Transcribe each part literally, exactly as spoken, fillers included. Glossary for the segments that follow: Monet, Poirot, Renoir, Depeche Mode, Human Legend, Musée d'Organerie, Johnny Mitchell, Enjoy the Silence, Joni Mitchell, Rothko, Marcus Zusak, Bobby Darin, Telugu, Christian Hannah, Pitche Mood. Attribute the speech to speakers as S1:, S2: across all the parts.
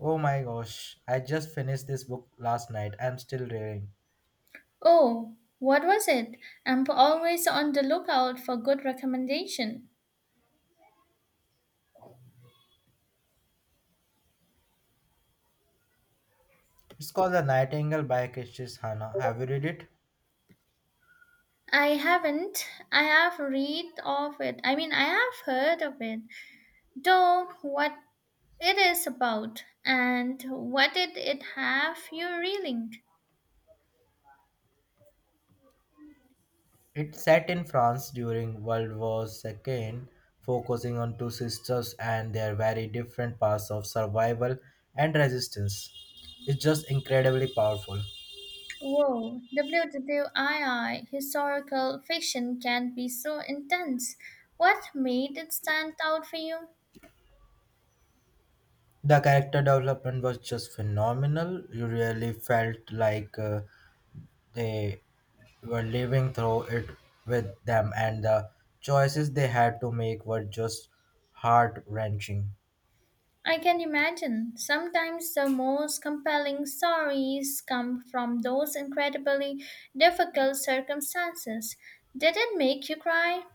S1: Oh my gosh, I just finished this book last night. I'm still reading.
S2: Oh, what was it? I'm always on the lookout for good recommendation.
S1: It's called The Nightingale by Christian Hannah. Have you read it?
S2: I haven't. I have read of it. I mean, I have heard of it. Though what it is about and what did it have you reeling?
S1: It's set in France during World War two, focusing on two sisters and their very different paths of survival and resistance. It's just incredibly powerful.
S2: Whoa, W W two historical fiction can be so intense. What made it stand out for you?
S1: The character development was just phenomenal. You really felt like uh, they were living through it with them, and the choices they had to make were just heart wrenching.
S2: I can imagine. Sometimes the most compelling stories come from those incredibly difficult circumstances. Did it make you cry?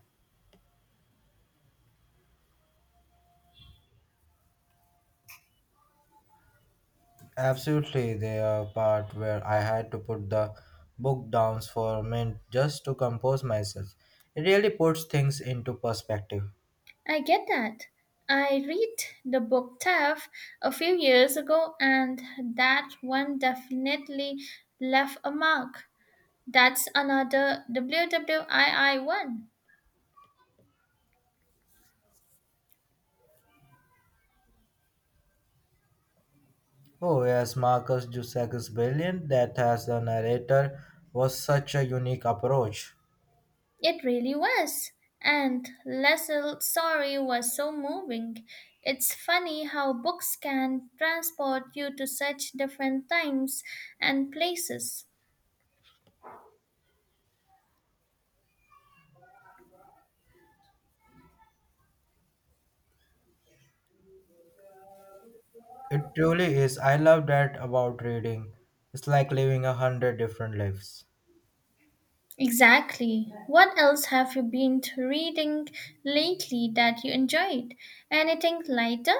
S1: Absolutely, the part where I had to put the book down for a minute just to compose myself. It really puts things into perspective.
S2: I get that. I read the book Tough a few years ago, and that one definitely left a mark. That's another World War Two one.
S1: Oh yes, Marcus Zusak is brilliant. That as the narrator was such a unique approach.
S2: It really was. And Leslie's story was so moving. It's funny how books can transport you to such different times and places.
S1: It truly is. I love that about reading. It's like living a hundred different lives.
S2: Exactly. What else have you been reading lately that you enjoyed? Anything lighter?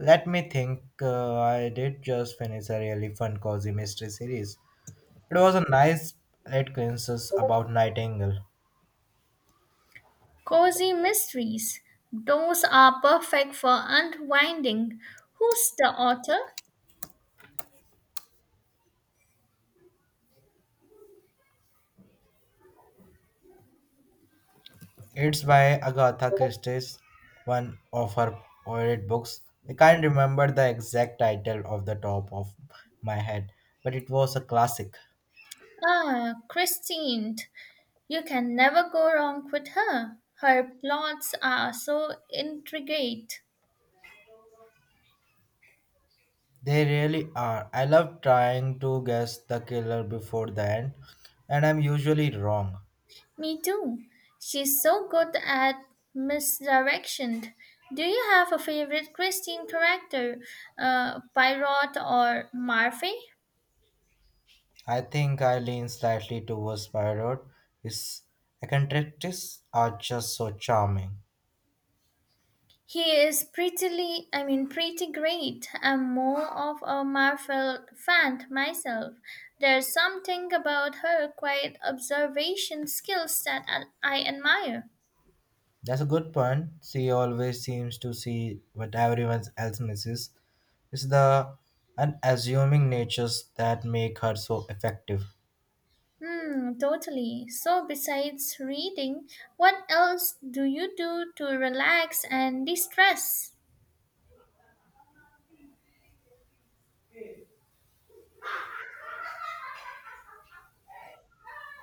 S1: Let me think. Uh, I did just finish a really fun cozy mystery series. It was a nice late coincidence about Nightingale.
S2: Cozy mysteries. Those are perfect for unwinding. Who's the author?
S1: It's by Agatha Christie's one of her favorite books. I can't remember the exact title off the top of my head, but it was a classic.
S2: Ah, Christine. You can never go wrong with her. Her plots are so intricate.
S1: They really are. I love trying to guess the killer before the end, and I'm usually wrong.
S2: Me too. She's so good at misdirection. Do you have a favorite Christine character, uh, Pyrot or Murphy?
S1: I think I lean slightly towards Poirot. His eccentricities are just so charming.
S2: He is prettily, I mean, pretty great. I'm more of a Marvel fan myself. There's something about her quiet observation skills that I I admire.
S1: That's a good point. She always seems to see what everyone else misses. It's the unassuming natures that make her so effective.
S2: Hmm, totally. So, besides reading, what else do you do to relax and de stress?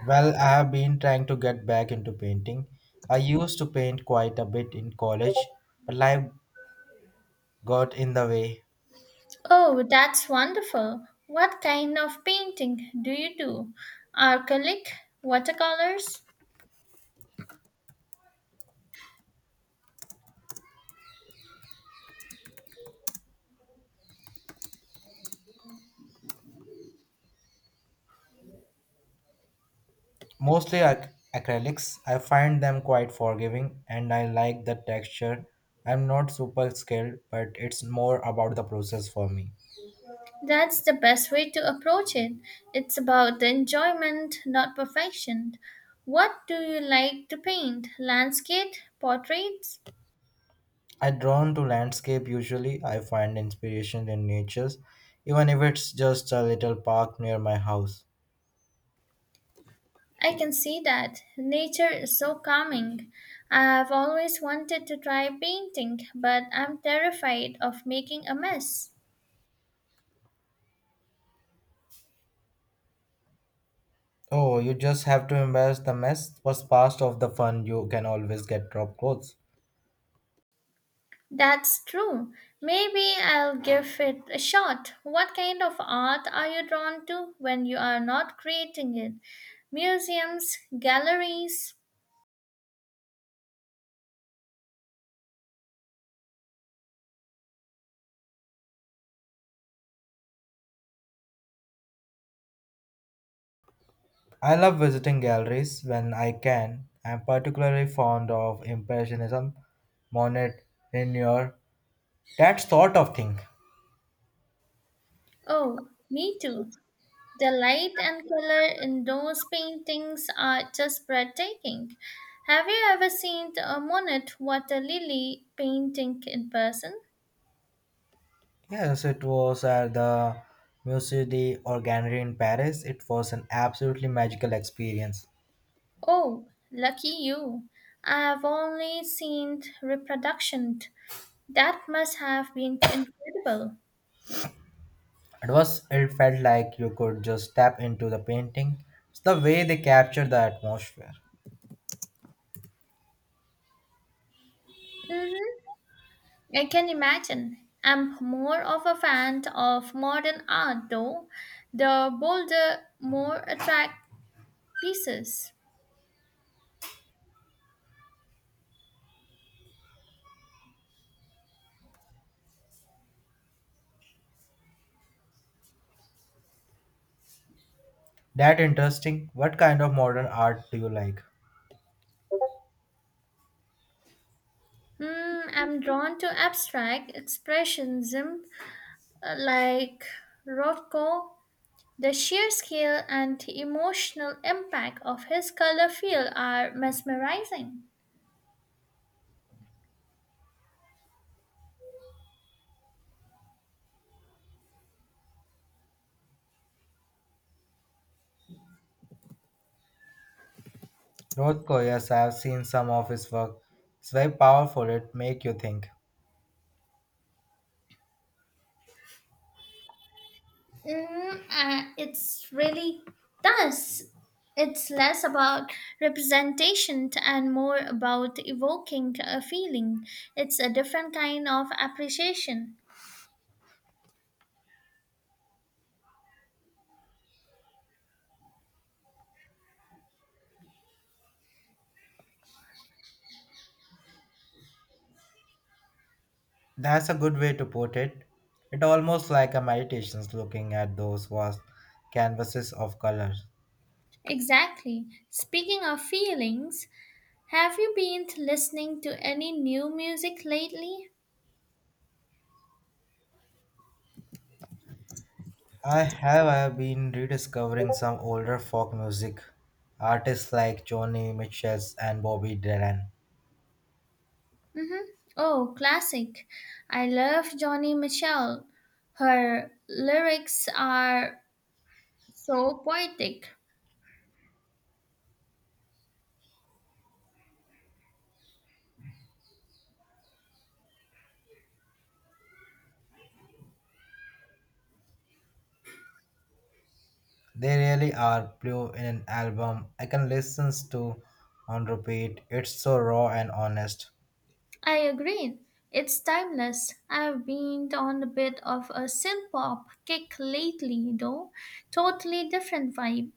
S1: Well, I have been trying to get back into painting. I used to paint quite a bit in college, but life got in the way.
S2: Oh, that's wonderful. What kind of painting do you do? Acrylic, watercolors?
S1: Mostly ac- acrylics. I find them quite forgiving and I like the texture. I'm not super skilled, but it's more about the process for me.
S2: That's the best way to approach it. It's about the enjoyment, not perfection. What do you like to paint? Landscape, portraits?
S1: I drawn to landscape usually. I find inspiration in natures, even if it's just a little park near my house.
S2: I can see that. Nature is so calming. I've always wanted to try painting, but I'm terrified of making a mess.
S1: Oh, you just have to embrace the mess. Was part of the fun. You can always get drop clothes.
S2: That's true. Maybe I'll give it a shot. What kind of art are you drawn to when you are not creating it? Museums, galleries?
S1: I love visiting galleries when I can. I'm particularly fond of Impressionism, Monet, Renoir, that sort of thing.
S2: Oh, me too. The light and color in those paintings are just breathtaking. Have you ever seen a Monet water lily painting in person?
S1: Yes, it was at the Musée d'Organerie in Paris. It was an absolutely magical experience.
S2: Oh, lucky you. I have only seen reproductions. That must have been incredible.
S1: It was it felt like you could just step into the painting. It's the way they capture the atmosphere.
S2: Mm-hmm. I can imagine. I'm more of a fan of modern art though, the bolder, more attract pieces.
S1: That interesting. What kind of modern art do you like?
S2: Hmm, I'm drawn to abstract expressionism uh, like Rothko. The sheer scale and emotional impact of his color field are mesmerizing.
S1: Rothko, yes, I have seen some of his work. It's very powerful. It make you think.
S2: Mm, uh, it's really does. It's less about representation and more about evoking a feeling. It's a different kind of appreciation.
S1: That's a good way to put it. It almost like a meditation looking at those vast canvases of color.
S2: Exactly. Speaking of feelings, have you been listening to any new music lately?
S1: I have I have been rediscovering some older folk music artists like Joni Mitchell and Bobby Darin.
S2: Mm-hmm. Oh, classic. I love Johnny Mitchell. Her lyrics are so poetic.
S1: They really are blue in an album I can listen to on repeat. It's so raw and honest.
S2: I agree. It's timeless. I've been on a bit of a synth pop kick lately, though. Totally different vibe.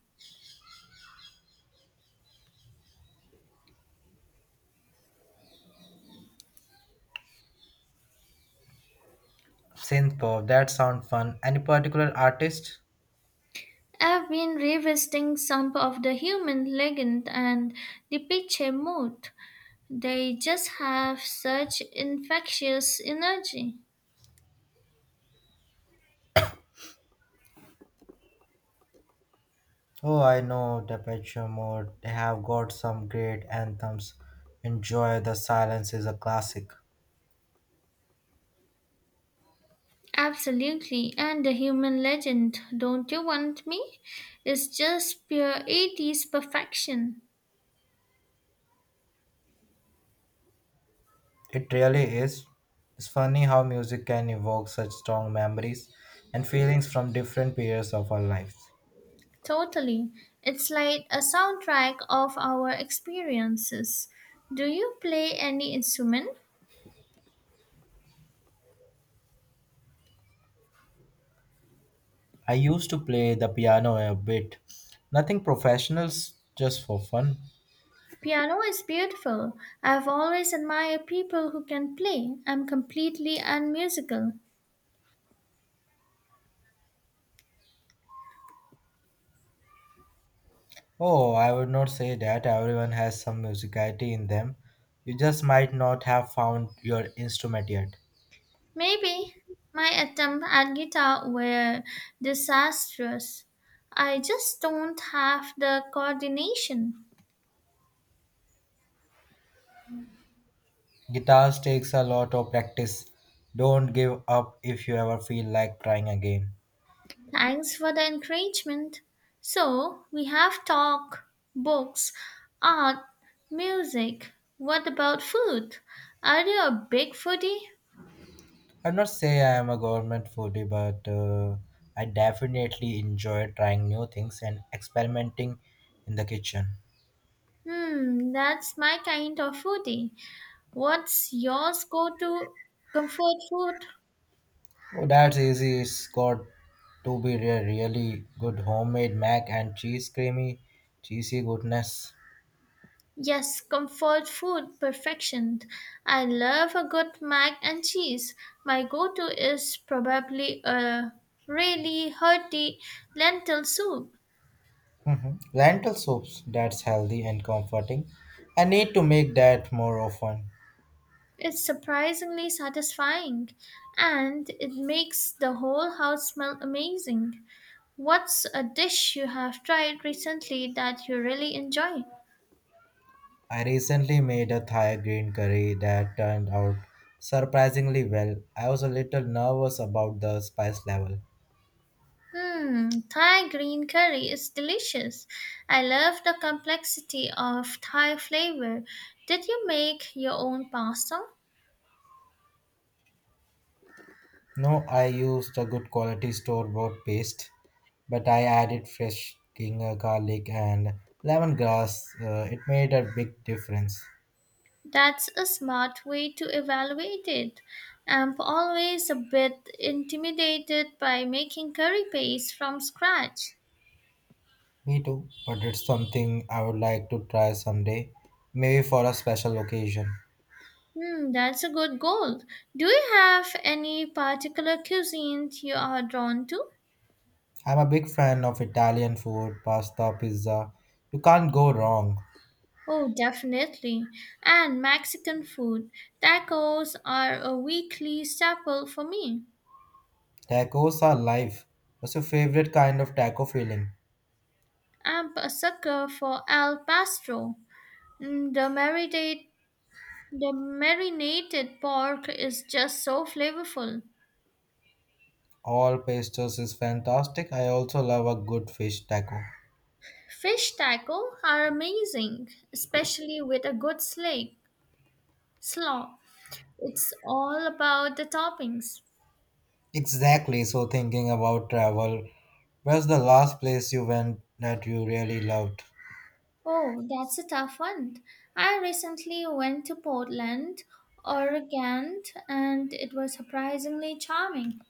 S1: Synthpop, that sound fun. Any particular artist?
S2: I've been revisiting some of the Human Legend and the Pitche Mood. They just have such infectious energy.
S1: Oh, I know Depeche Mode. They have got some great anthems. Enjoy the Silence is a classic.
S2: Absolutely, and the human legend, Don't You Want Me? Is just pure eighties perfection.
S1: It really is. It's funny how music can evoke such strong memories and feelings from different periods of our lives.
S2: Totally. It's like a soundtrack of our experiences. Do you play any instrument?
S1: I used to play the piano a bit, nothing professional, s- just for fun.
S2: Piano is beautiful. I've always admired people who can play. I'm completely unmusical.
S1: Oh, I would not say that everyone has some musicality in them. You just might not have found your instrument yet.
S2: Maybe my attempts at guitar were disastrous. I just don't have the coordination.
S1: Guitars takes a lot of practice. Don't give up if you ever feel like trying again.
S2: Thanks for the encouragement. So, we have talk, books, art, music. What about food? Are you a big foodie?
S1: I'd not say I am a government foodie, but uh, I definitely enjoy trying new things and experimenting in the kitchen.
S2: Hmm, that's my kind of foodie. What's yours go to comfort food?
S1: Oh, that's easy. It's got to be a really good homemade mac and cheese, creamy, cheesy goodness.
S2: Yes, comfort food perfection. I love a good mac and cheese. My go-to is probably a really hearty lentil soup.
S1: Mhm. Lentil soups, that's healthy and comforting. I need to make that more often.
S2: It's surprisingly satisfying and it makes the whole house smell amazing. What's a dish you have tried recently that you really enjoy?
S1: I recently made a Thai green curry that turned out surprisingly well. I was a little nervous about the spice level.
S2: Hmm, Thai green curry is delicious. I love the complexity of Thai flavor. Did you make your own pasta?
S1: No, I used a good quality store bought paste, but I added fresh king uh, garlic and lemongrass. Uh, it made a big difference.
S2: That's a smart way to evaluate it. I'm always a bit intimidated by making curry paste from scratch.
S1: Me too, but it's something I would like to try someday, maybe for a special occasion.
S2: Hmm, that's a good goal. Do you have any particular cuisine you are drawn to?
S1: I'm a big fan of Italian food, pasta, pizza. You can't go wrong.
S2: Oh, definitely. And Mexican food. Tacos are a weekly staple for me.
S1: Tacos are life. What's your favorite kind of taco filling?
S2: I'm a sucker for al pastor. Mm, The marinade, the marinated pork is just so flavorful.
S1: All pastas is fantastic. I also love a good fish taco.
S2: Fish taco are amazing, especially with a good slake, slaw. It's all about the toppings.
S1: Exactly. So, thinking about travel, where's the last place you went that you really loved?
S2: Oh, that's a tough one. I recently went to Portland, Oregon, and it was surprisingly charming.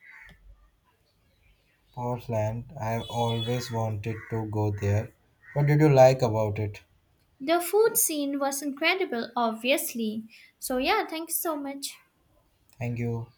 S1: Portland. I've always wanted to go there. What did you like about it?
S2: The food scene was incredible, obviously. So, yeah, thank you so much.
S1: Thank you.